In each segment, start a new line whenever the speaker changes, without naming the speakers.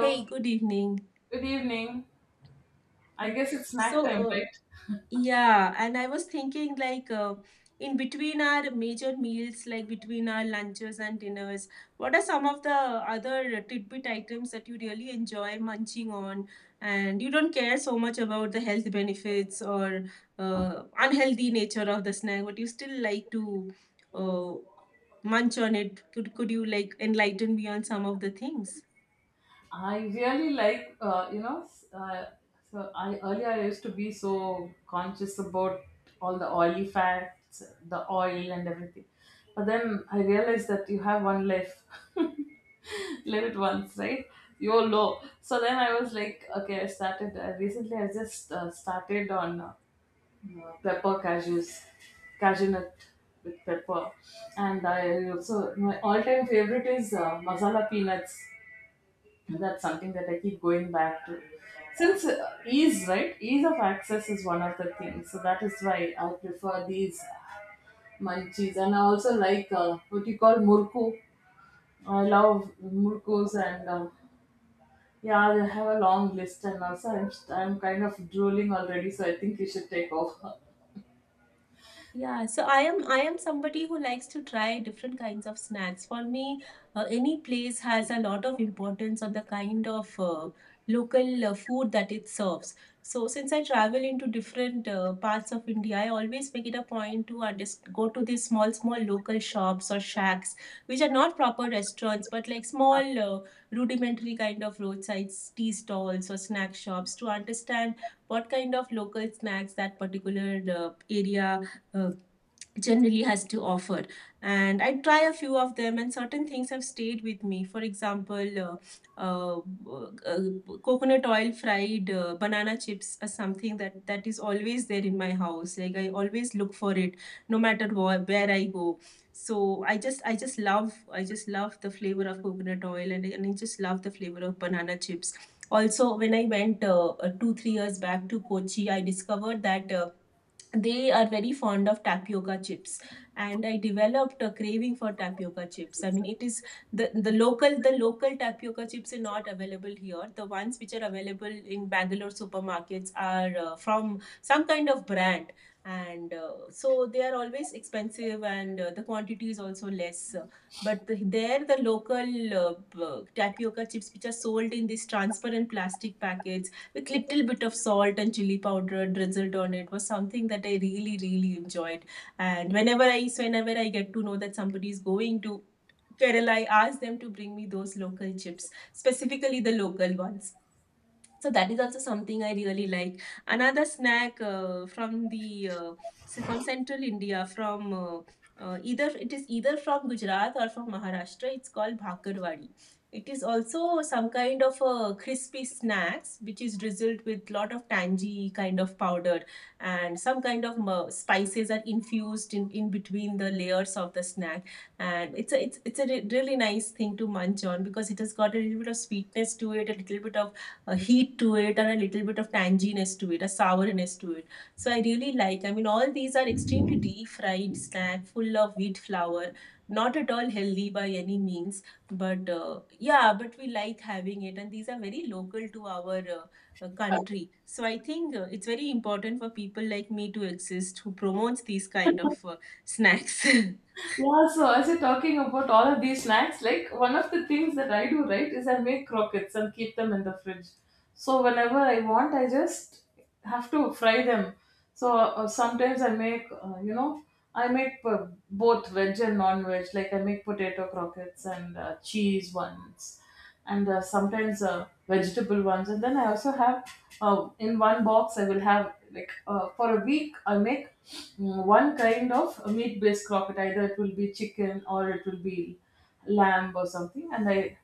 Hey, good evening.
good evening. I
Okay.
guess it's snack
So,
time,
uh,
right?
yeah, and I was thinking in between our major meals, like between our lunches and dinners, what are some of the other tidbit items that you really enjoy munching on, and you don't care so much about the health benefits or unhealthy nature of the snack, but you still like to uh, munch on it? Could you like enlighten me on some of the things?
I really like, so I earlier I used to be so conscious about all the oily fats, the oil and everything. But then I realized that you have one life. Live it once, right? YOLO. So then I was like, okay, I started recently. I just started on. Pepper cashews, cashew nut with pepper. And I also, my all time favorite is masala peanuts. That's something that I keep going back to. Since ease, right? Ease of access is one of the things. So that is why I prefer these munchies. And I also like what you call murku. I love murkus and yeah, I have a long list. And also, I'm kind of drooling already, so I think you should take off.
Yeah, so I am somebody who likes to try different kinds of snacks. For me, any place has a lot of importance on the kind of local food that it serves. So since I travel into different parts of India, I always make it a point to underst go to these small local shops or shacks, which are not proper restaurants, but like small rudimentary kind of roadside tea stalls or snack shops to understand what kind of local snacks that particular area uh, generally has to offer. And I try a few of them, and certain things have stayed with me. For example, uh, uh, coconut oil fried banana chips are something that is always there in my house. Like, I always look for it no matter where I go. So I just love, I just love the flavor of coconut oil, and I just love the flavor of banana chips. Also, when I went 2 3 years back to Kochi, I discovered that they are very fond of tapioca chips, and I developed a craving for tapioca chips. I mean, it is, the local tapioca chips are not available here. The ones which are available in Bangalore supermarkets are from some kind of brand, and so they are always expensive, and the quantity is also less. But there, the local tapioca chips which are sold in these transparent plastic packets with little bit of salt and chili powder drizzled on it was something that I really really enjoyed. And whenever I get to know that somebody is going to Kerala, I ask them to bring me those local chips, specifically the local ones. So that is also something I really like. Another snack from the so from Central India, from either it is either from Gujarat or from Maharashtra. It's called bhakarwadi. It is also some kind of a crispy snacks which is drizzled with lot of tangy kind of powder, and some kind of spices are infused in between the layers of the snack. And it's a it's, it's a re- really nice thing to munch on, because it has got a little bit of sweetness to it, a little bit of a heat to it, and a little bit of tanginess to it, a sourness to it. So I really like, I mean, all these are extremely deep fried snack full of wheat flour, not at all healthy by any means, but yeah, but we like having it, and these are very local to our country. So I think it's very important for people like me to exist who promotes these kind of snacks.
Yeah, so as you're talking about all of these snacks, like one of the things that I do, right, is I make croquettes and keep them in the fridge. So whenever I want, I just have to fry them. So sometimes I make, I make both veg and non-veg. Like I make potato croquettes and cheese ones, and sometimes vegetable ones. And then I also have in one box. I will have like for a week. I make one kind of meat-based croquette. Either it will be chicken or it will be lamb or something, and I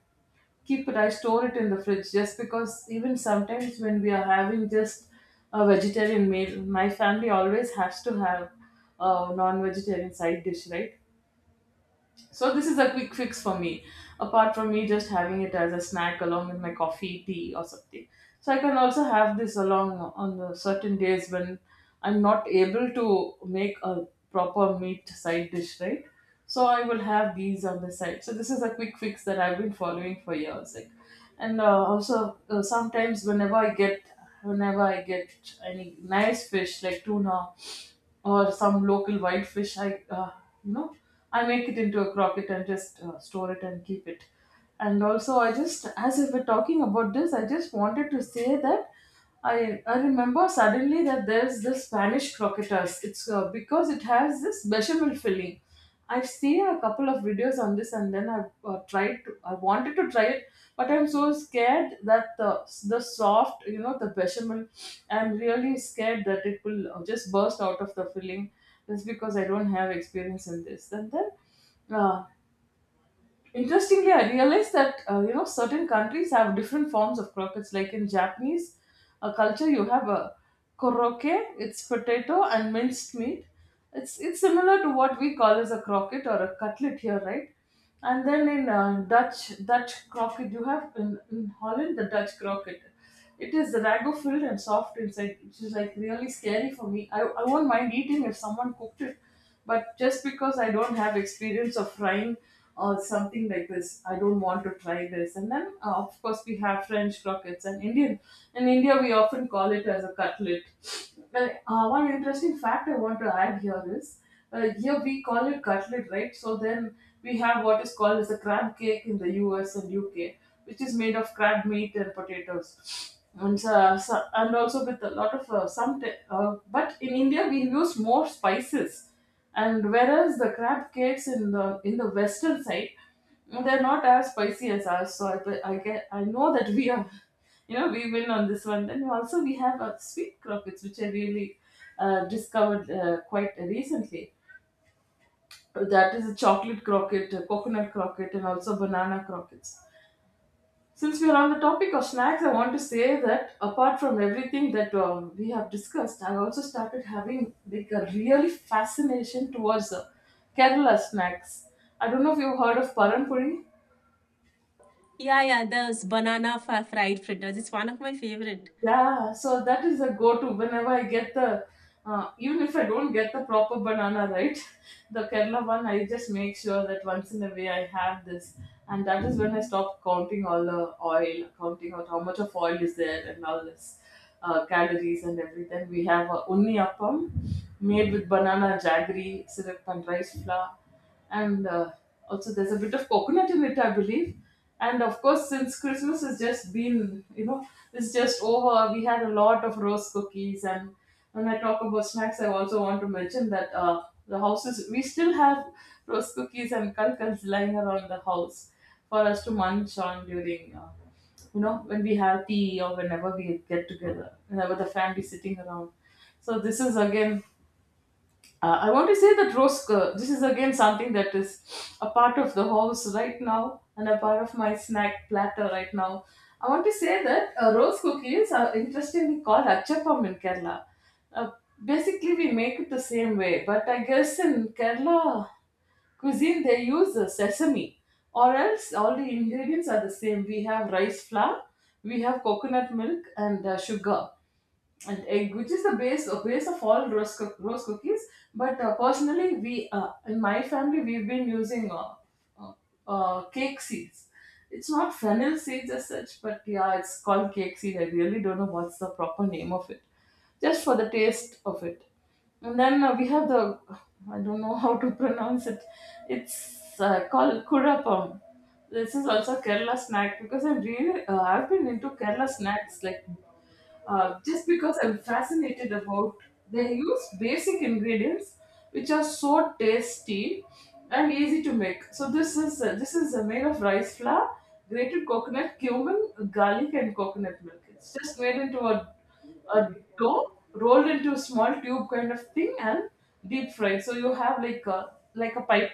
keep it, I store it in the fridge just because even sometimes when we are having just a vegetarian meal, my family always has to have a non vegetarian side dish, right? So this is a quick fix for me, apart from me just having it as a snack along with my coffee, tea, or something. So I can also have this along on the certain days when I'm not able to make a proper meat side dish, right? So I will have these on the side. So this is a quick fix that I've been following for years. Like, and also sometimes whenever I get any nice fish like tuna or some local wild fish I uh, you know I make it into a crocket and just store it and keep it. And also I just, as if we're talking about this, I just wanted to say that i I remember suddenly that there's this Spanish croquetas. It's because it has this bechamel filling. I've seen a couple of videos on this, and then I've tried to. I wanted to try it, but I'm so scared that the soft, the bechamel. I'm really scared that it will just burst out of the filling, just because I don't have experience in this. Uh, Interestingly, I realized that certain countries have different forms of croquettes. Like in Japanese culture, you have a koroke. It's potato and minced meat. It's similar to what we call as a croquette or a cutlet here, right? And then in Dutch croquette, you have in Holland the Dutch croquette. It is ragu filled and soft inside, which is like really scary for me. I won't mind eating if someone cooked it, but just because I don't have experience of frying or something like this, I don't want to try this. Of course, we have French croquettes and Indian. In India, we often call it as a cutlet. Well, one interesting fact I want to add here is here we call it cutlet, right? So then we have what is called as a crab cake in the US and UK, which is made of crab meat and potatoes. And, also with a lot of but in India we use more spices, and whereas the crab cakes in the western side they're not as spicy as ours. So I know that we are, we win on this one. Then also we have sweet crockets, which I really discovered quite recently. That is a chocolate croquette, a coconut croquette, and also banana croquettes. Since we are on the topic of snacks, I want to say that apart from everything that we have discussed, I also started having like a really fascination towards Kerala snacks. I don't know if you've heard of Paranpuri.
Yeah, yeah, those banana fried fritters. It's one of my favorite.
Yeah, so that is a go-to whenever I get the, even if I don't get the proper banana, right? The Kerala one, I just make sure that once in a way I have this, and that is when I stop counting all the oil, counting out how much of oil is there and all this, calories and everything. We have a unni appam made with banana jaggery, syrup and rice flour and also there's a bit of coconut in it, I believe. And of course, since Christmas has just been, it's just over, we had a lot of rose cookies. And when I talk about snacks, I also want to mention that the houses we still have rose cookies and kalkals lying around the house for us to munch on during. When we have tea or whenever we get together, whenever the family sitting around. So this is again I want to say that this is again something that is a part of the house right now and a part of my snack platter right now. I want to say that rose cookies are interestingly called achappam in Kerala. Uh, basically, we make it the same way, but I guess in Kerala cuisine they use sesame, or else all the ingredients are the same. We have rice flour, we have coconut milk, and sugar and egg, which is the base of all rose cookies. But personally, we in my family we've been using uh, cake seeds. It's not fennel seeds as such, but yeah, it's called cake seed. I really don't know what's the proper name of it, just for the taste of it. And then we have the, I don't know, how to pronounce it. It's called kurapam. This is also Kerala snack because I'm really I've been into Kerala snacks like just because I'm fascinated about they use basic ingredients which are so tasty and easy to make. So this is made of rice flour, grated coconut, cumin, garlic, and coconut milk. It's just made into a dough rolled into a small tube kind of thing and deep fried. So you have like a pipe.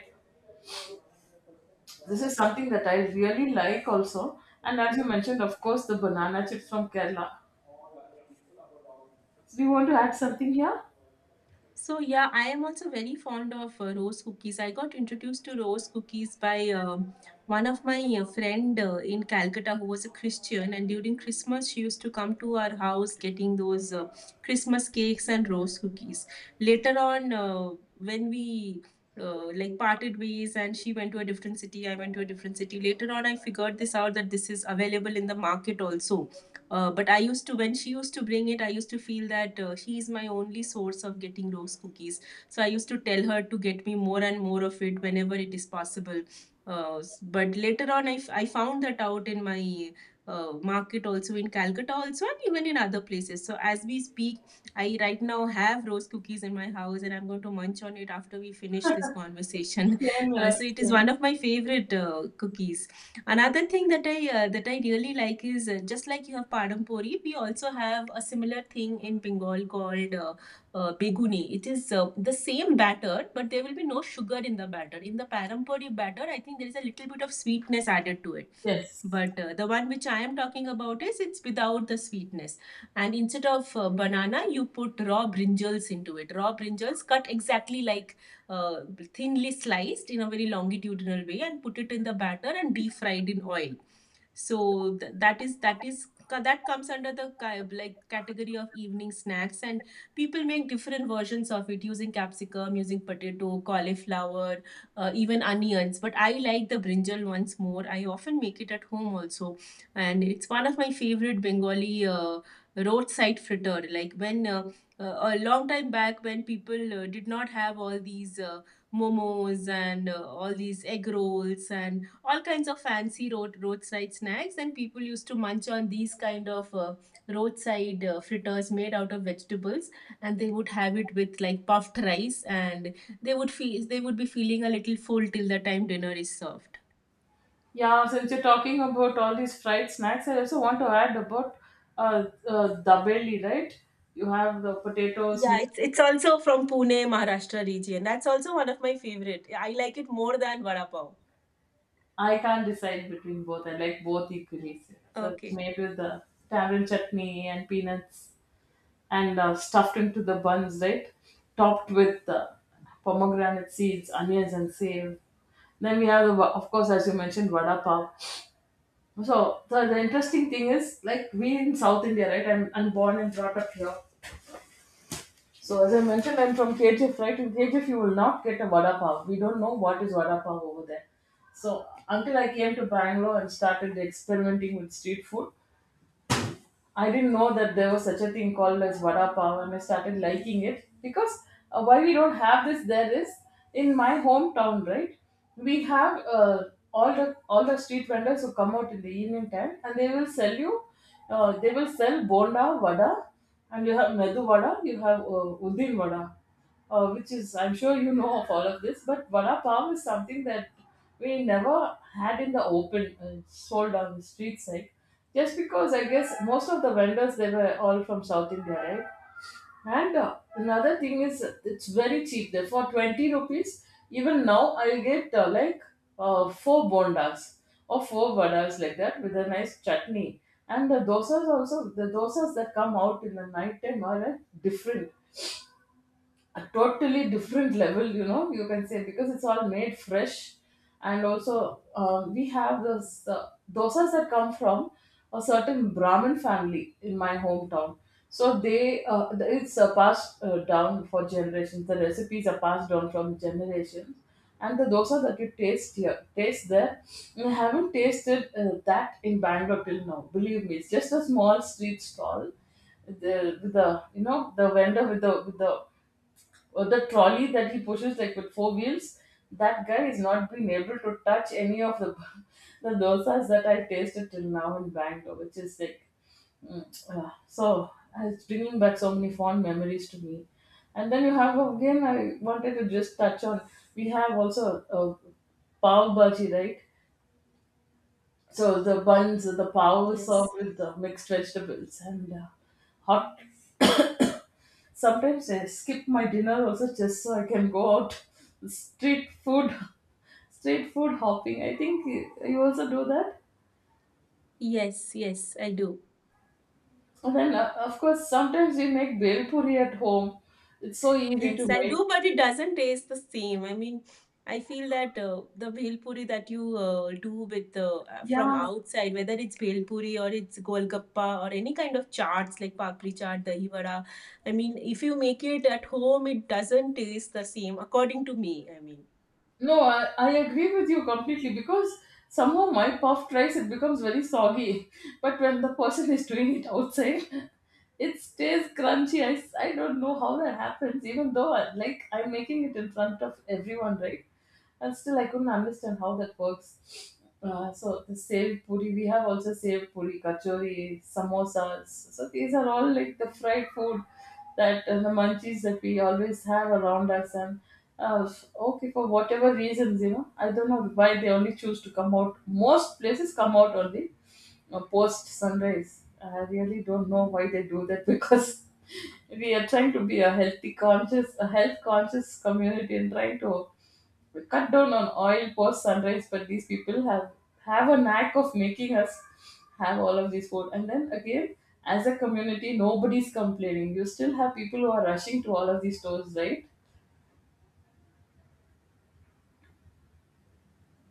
This is something that I really like also. And as you mentioned, of course, the banana chips from Kerala. So do you want to add something here?
So yeah, I am also very fond of rose cookies. I got introduced to rose cookies by one of my friend in Calcutta, who was a Christian, and during Christmas she used to come to our house getting those Christmas cakes and rose cookies. Later on, when we like parted ways, and she went to a different city, I went to a different city. Later on, I figured this out that this is available in the market also, but I used to, when she used to bring it, I used to feel that she is my only source of getting rose cookies. So I used to tell her to get me more and more of it whenever it is possible. But later on, I found that out in my market also, in Calcutta also, and even in other places. So as we speak, I right now have rose cookies in my house, and I'm going to munch on it after we finish this conversation.
Same here,
So it is
same.
one of my favorite cookies. Another thing that I really like is just like you have Padampori, we also have a similar thing in Bengal called Beguni. It is the same batter, but there will be no sugar in the batter. In the Padampori batter, I think there is a little bit of sweetness added to it.
Yes.
But the one which I am talking about is, it's without the sweetness. And instead of banana, you put raw brinjals into it. Raw brinjals cut exactly like uh, thinly sliced in a very longitudinal way, and put it in the batter and deep fried in oil. So that is that comes under the like category of evening snacks, and people make different versions of it using capsicum, using potato, cauliflower, even onions. But I like the brinjal ones more. I often make it at home also, and it's one of my favorite Bengali roadside fritter. Like, when a long time back, when people did not have all these momos and all these egg rolls and all kinds of fancy roadside snacks, and people used to munch on these kind of roadside fritters made out of vegetables, and they would have it with like puffed rice, and they would be feeling a little full till the time dinner is served.
Yeah, since you're talking about all these fried snacks, I also want to add about dabeli, right? You have the potatoes
Yeah,
mixed.
it's also from Pune, Maharashtra region. That's also one of my favorite. I like it more than vada pav.
I can't decide between both. I like both equally. So it's
Okay.
made with the tamarind chutney and peanuts and stuffed into the buns, right? Topped with pomegranate seeds, onions, and save. Then we have, of course, as you mentioned, vada pav. So the interesting thing is like we in South India, right? I'm born and brought up here. So as I mentioned, I'm from KGF, right? In KGF, you will not get a vada pav. We don't know what is vada pav over there. So until I came to Bangalore and started experimenting with street food, I didn't know that there was such a thing called as vada pav, and I started liking it because why we don't have this there is in my hometown, right? We have all the street vendors who come out in the evening time, and they will sell you. They will sell bonda vada, and you have medu vada, you have udin vada which is I'm sure you know of all of this, but vada pav is something that we never had in the open sold on the street side, just because I guess most of the vendors they were all from South India, right? And another thing is it's very cheap. There for 20 rupees, even now I'll get like four bondas or four vadas like that with a nice chutney. And the dosas also, the dosas that come out in the night time are like, different a totally different level, you can say, because it's all made fresh. And also, we have those dosas that come from a certain Brahmin family in my hometown. So it's passed down for generations. The recipes are passed down from generations, and the dosa that you taste here, taste there, I haven't tasted that in Bangalore till now. Believe me, it's just a small street stall, the with the you know the vendor with the trolley that he pushes, like, with four wheels. That guy is not been able to touch any of the the dosas that I tasted till now in Bangalore, which is like mm, so it's bringing back so many fond memories to me. And then you have, again, I wanted to just touch on, we have also a pav bhaji, right? So the buns, the pav is
Yes.
served with the mixed vegetables and hot. Sometimes I skip my dinner also just so I can go out street food, street food hopping. I think you also do that.
Yes, yes, I do.
And then of course sometimes we make bel puri at home. It's so easy
Yes,
to
I
make.
do, but it doesn't taste the same. I mean, I feel that the bhel puri that you do with from
Yeah,
outside, whether it's bhel puri or it's golgappa or any kind of chaats like papri chaat, dahi vada, I mean, if you make it at home, it doesn't taste the same, according to me. I mean.
no, I agree with you completely, because somehow my puffed rice it becomes very soggy, but when the person is doing it outside, it stays crunchy. I don't know how that happens, even though I, like, I'm making it in front of everyone, right? And still I couldn't understand how that works. So the saved puri, we have also saved puri, kachori, samosas. So these are all like the fried food that, the munchies that we always have around us. And uh, okay, for whatever reasons, you know, I don't know why they only choose to come out. Most places come out only post sunrise. I really don't know why they do that because we are trying to be a health conscious community, and trying to, we cut down on oil post sunrise, but these people have a knack of making us have all of this food. And then again, as a community, nobody's complaining. You still have people who are rushing to all of these stores, right?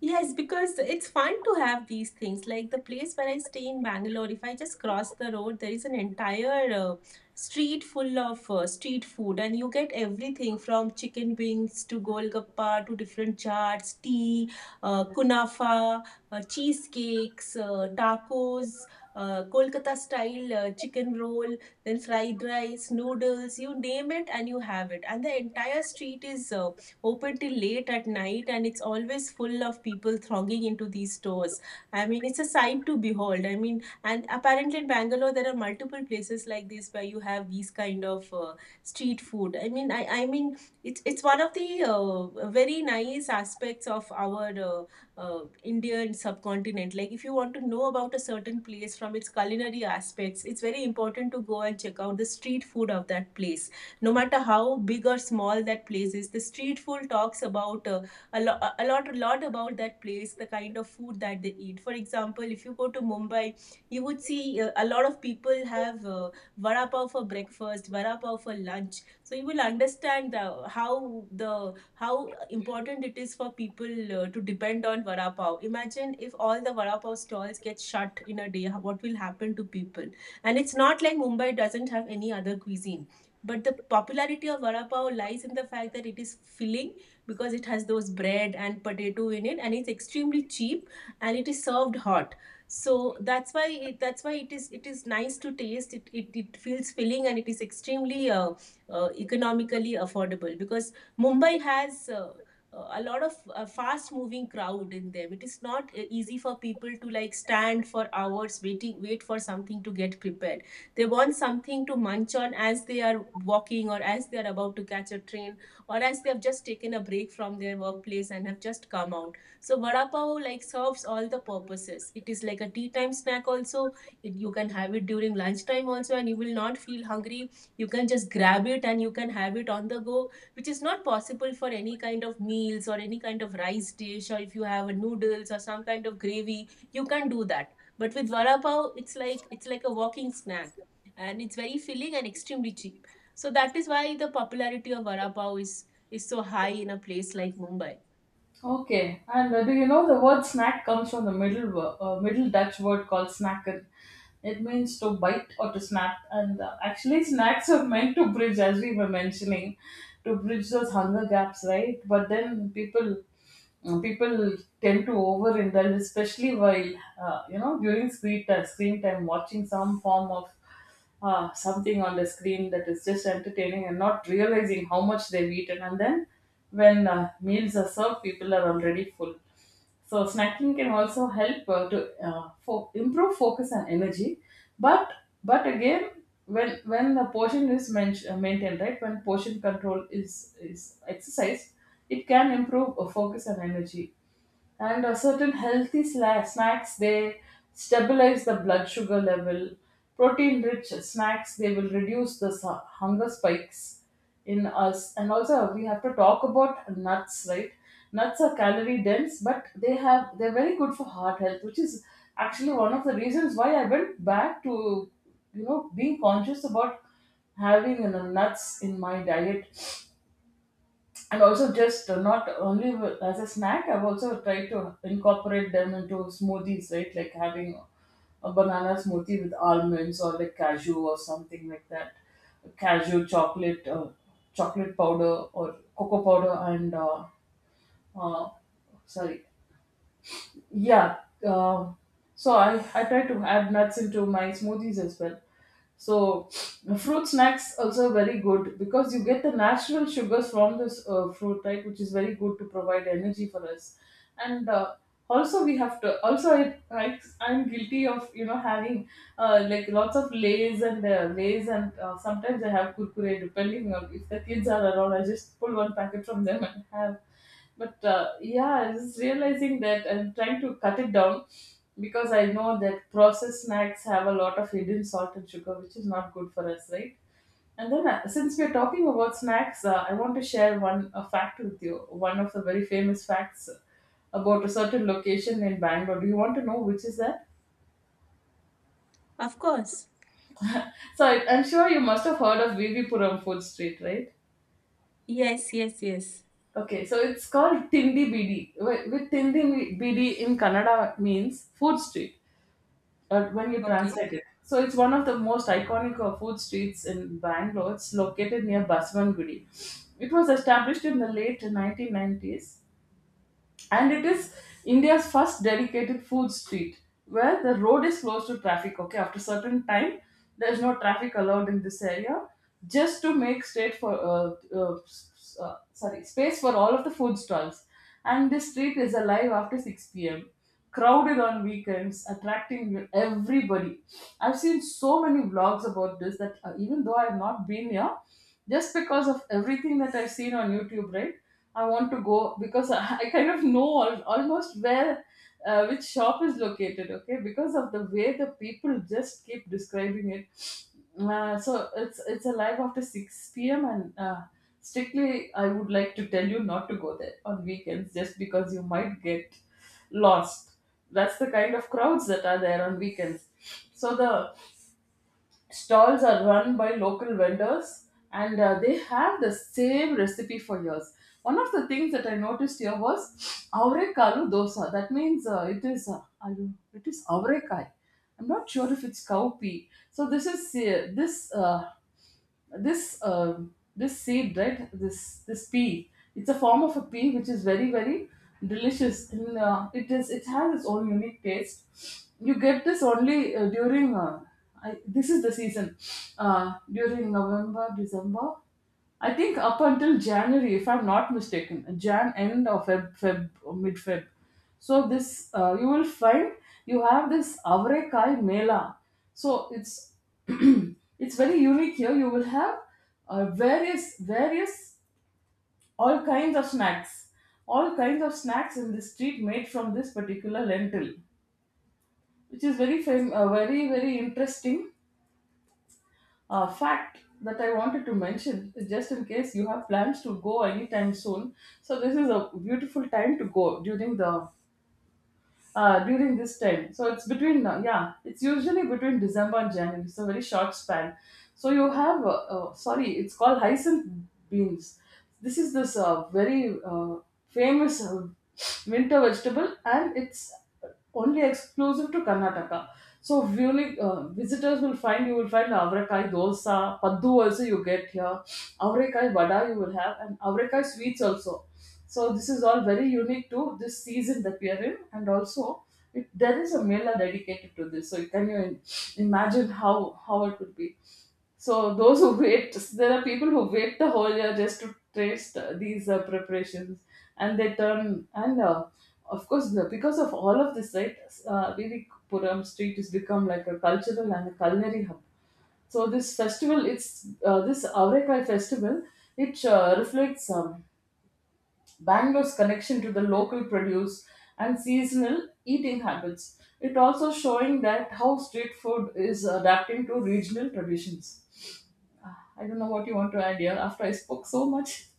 Yes, because it's fun to have these things. Like the place where I stay in Bangalore, if I just cross the road, there is an entire street full of street food, and you get everything from chicken wings to golgappa to different chaats, tea, kunafa, cheesecakes, tacos, Kolkata style chicken roll, then fried rice, noodles, you name it, and you have it. And the entire street is open till late at night, and it's always full of people thronging into these stores. I mean, it's a sight to behold. I mean, and apparently in Bangalore, there are multiple places like this where you have these kind of street food. I mean, it's one of the very nice aspects of our Indian subcontinent. Like, if you want to know about a certain place from its culinary aspects, it's very important to go and check out the street food of that place, no matter how big or small that place is. The street food talks about a lot, a lot, about that place, the kind of food that they eat. For example, if you go to Mumbai, you would see a lot of people have vada pav for breakfast, vada pav for lunch. So you will understand how the how important it is for people to depend on vada pav. Imagine if all the vada pav stalls get shut in a day, what will happen to people. And it's not like Mumbai doesn't have any other cuisine, but the popularity of vada pav lies in the fact that it is filling, because it has those bread and potato in it, and it's extremely cheap, and it is served hot. So that's why that's why it is nice to taste. It feels filling, and it is extremely economically affordable, because Mumbai has. A lot of fast moving crowd in them. It is not easy for people to like stand for hours wait for something to get prepared. They want something to munch on as they are walking, or as they are about to catch a train, or as they have just taken a break from their workplace and have just come out. So vada pav like serves all the purposes. It is like a tea time snack also. It, you can have it during lunchtime also and you will not feel hungry. You can just grab it and you can have it on the go, which is not possible for any kind of meals or any kind of rice dish or if you have a noodles or some kind of gravy, you can't do that. But with vada pav, it's like a walking snack and it's very filling and extremely cheap. So that is why the popularity of vada pav is so high in a place like Mumbai.
Okay, and do you know the word snack comes from the Middle Dutch word called snacken? It means to bite or to snap, and actually, snacks are meant to bridge, as we were mentioning, to bridge those hunger gaps, right? But then people tend to overindulge, especially while, during screen time, watching some form of, something on the screen that is just entertaining and not realizing how much they've eaten. And then when meals are served, people are already full. So snacking can also help, to improve focus and energy, but again, when the portion is maintained, right? When portion control is exercised, it can improve focus and energy, and certain snacks, they stabilize the blood sugar level. Protein rich snacks, they will reduce the hunger spikes in us. And also we have to talk about nuts, right? Nuts are calorie dense, but they're very good for heart health, which is actually one of the reasons why I went back to, being conscious about having, nuts in my diet. And also, just not only as a snack, I've also tried to incorporate them into smoothies, right, like having a banana smoothie with almonds or like cashew or something like that. Cashew, chocolate powder or cocoa powder, and uh, sorry. Yeah. Um, so I try to add nuts into my smoothies as well. So fruit snacks also very good, because you get the natural sugars from this fruit, right? Which is very good to provide energy for us. And also we have to also, I'm guilty of, having like lots of lays, and lays, and sometimes I have kurkure, depending on if the kids are around. I just pull one packet from them and have. But yeah, I was realizing that I'm trying to cut it down, because I know that processed snacks have a lot of hidden salt and sugar, which is not good for us, right? And then since we're talking about snacks, I want to share one a fact with you, one of the very famous facts about a certain location in Bangalore. Do you want to know which is that?
Of course.
So, I'm sure you must have heard of VV Puram food street, right?
Yes, yes, yes.
Okay, so it's called Tindi Bidi. With Tindi Bidi in Kannada means food street, when you
Okay.
translate it. So it's one of the most iconic food streets in Bangalore. It's located near Baswangudi. It was established in the late 1990s, and it is India's first dedicated food street, where the road is closed to traffic, okay, after certain time. There's no traffic allowed in this area, just to make state for s- s- sorry space for all of the food stalls. And this street is alive after 6 p.m., crowded on weekends, attracting everybody. I've seen so many vlogs about this that, even though I've not been here, just because of everything that I've seen on YouTube, right? I want to go because I kind of know almost where, which shop is located, okay? Because of the way the people just keep describing it. So it's a live after 6 p.m., and strictly, I would like to tell you not to go there on weekends, just because you might get lost. That's the kind of crowds that are there on weekends. So the stalls are run by local vendors, and they have the same recipe for years. One of the things that I noticed here was aurekalu dosa. That means, it is, it is aurekai. I'm not sure if it's cowpea. So this is, this uh, this seed, right? This pea, it's a form of a pea, which is very very delicious. And it has its own unique taste. You get this only, this is the season, during November, December. I think up until January, if I'm not mistaken, Jan end, or Feb, or mid Feb. So this, you will find you have this Avrekai Mela. So it's it's very unique here. You will have, various various all kinds of snacks, all kinds of snacks in the street made from this particular lentil, which is very very interesting fact that I wanted to mention, just in case you have plans to go anytime soon. So, this is a beautiful time to go during the during this time. So it's between, yeah, it's usually between December and January. It's a very short span. So you have, sorry, it's called hyacinth beans. This is this, very famous winter vegetable, and it's only exclusive to Karnataka. So, visitors will find, you will find avrakai dosa, paddu also you get here, avrakai vada you will have, and avrakai sweets also. So this is all very unique to this season that we are in, and also, there is a mela dedicated to this. So can you imagine how it would be? So those who wait, there are people who wait the whole year just to taste these preparations, and they turn, and of course, because of all of this, right? Really, Puram Street has become like a cultural and a culinary hub. So this festival, it's this Avrekai festival, it reflects, Bangalore's connection to the local produce and seasonal eating habits. It also showing that how street food is adapting to regional traditions. I don't know what you want to add here after I spoke so much.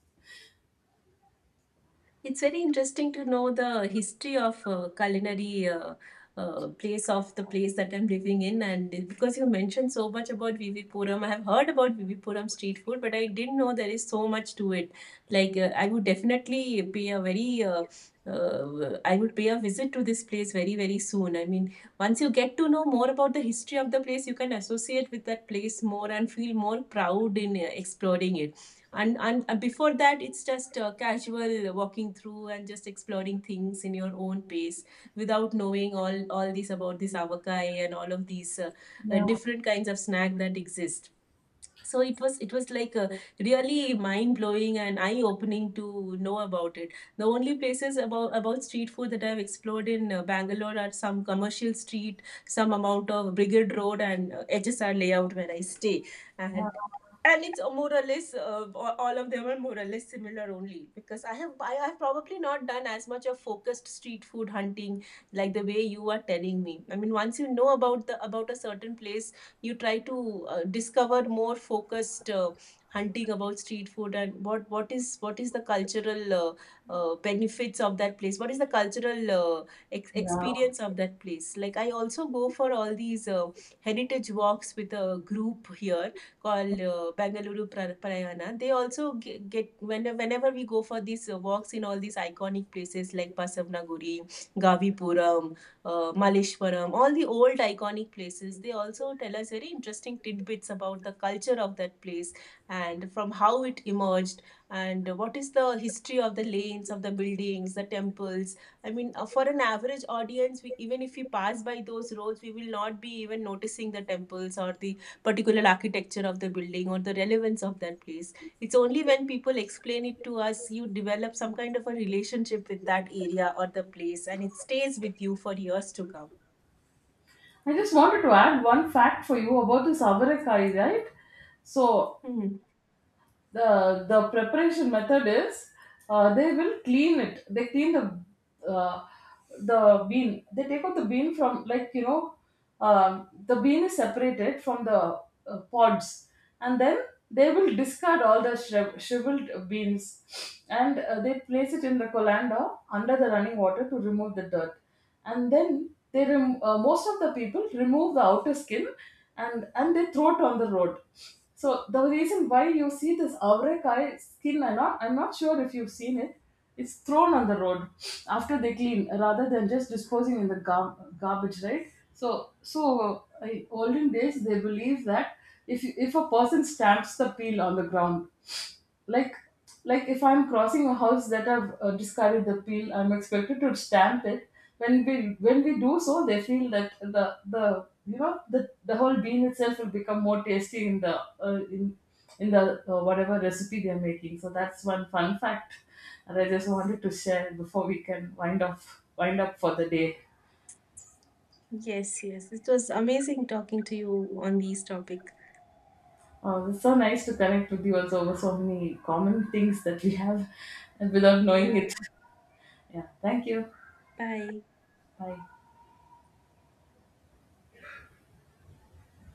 It's very interesting to know the history of culinary place of the place that I'm living in, and because you mentioned so much about Vivipuram, I have heard about Vivipuram street food, but I didn't know there is so much to it. Like I would definitely pay a very I would pay a visit to this place very, very soon. I mean, once you get to know more about the history of the place, you can associate with that place more and feel more proud in exploring it and before that it's just casual walking through and just exploring things in your own pace without knowing all this about this avakai and all of these
Yeah,
different kinds of snack that exist. So it was like a really mind blowing and eye opening to know about it. The only places about street food that I've explored in Bangalore are some commercial street, some amount of brigade road, and HSR layout where I stay. and and it's more or less all of them are more or less similar only because I have probably not done as much of focused street food hunting like the way you are telling me. I mean, once you know about the about a certain place you try to discover more focused hunting about street food and what is the cultural benefits of that place, what is the cultural
yeah.
experience of that place. Like I also go for all these heritage walks with a group here called Bangalore Prayana. They also get whenever we go for these walks in all these iconic places like Basavnaguri, Gavipuram, Maleshwaram, all the old iconic places. They also tell us very interesting tidbits about the culture of that place and from how it emerged and what is the history of the lanes, of the buildings, the temples. I mean, for an average audience, we, even if we pass by those roads, we will not be even noticing the temples or the particular architecture of the building or the relevance of that place. It's only when people explain it to us, you develop some kind of a relationship with that area or the place, and it stays with you for years to come.
I just wanted to add one fact for you about this avarakai, right? So
Hmm.
the preparation method is, they clean the uh, bean. They take out the bean from the bean is separated from the pods. And then they will discard all the shriveled beans, and they place it in the colander under the running water to remove the dirt. And then most of the people remove the outer skin, and they throw it on the road. So the reason why you see this avrakai skin or not, I'm not sure if you've seen it, it's thrown on the road after they clean, rather than just disposing in the garbage, right? So, in olden days they believe that if a person stamps the peel on the ground, like like, if I'm crossing a house that I've discarded the peel, I'm expected to stamp it. When we do so, they feel that the you know the whole bean itself will become more tasty uh, in in the whatever recipe they're making. So that's one fun fact that I just wanted to share before we can wind up for the day.
Yes, yes. It was amazing talking to you on this topic.
It's so nice to connect with you also over so many common things that we have, and without knowing
Yeah.
it. Yeah, thank you.
Bye.
Bye.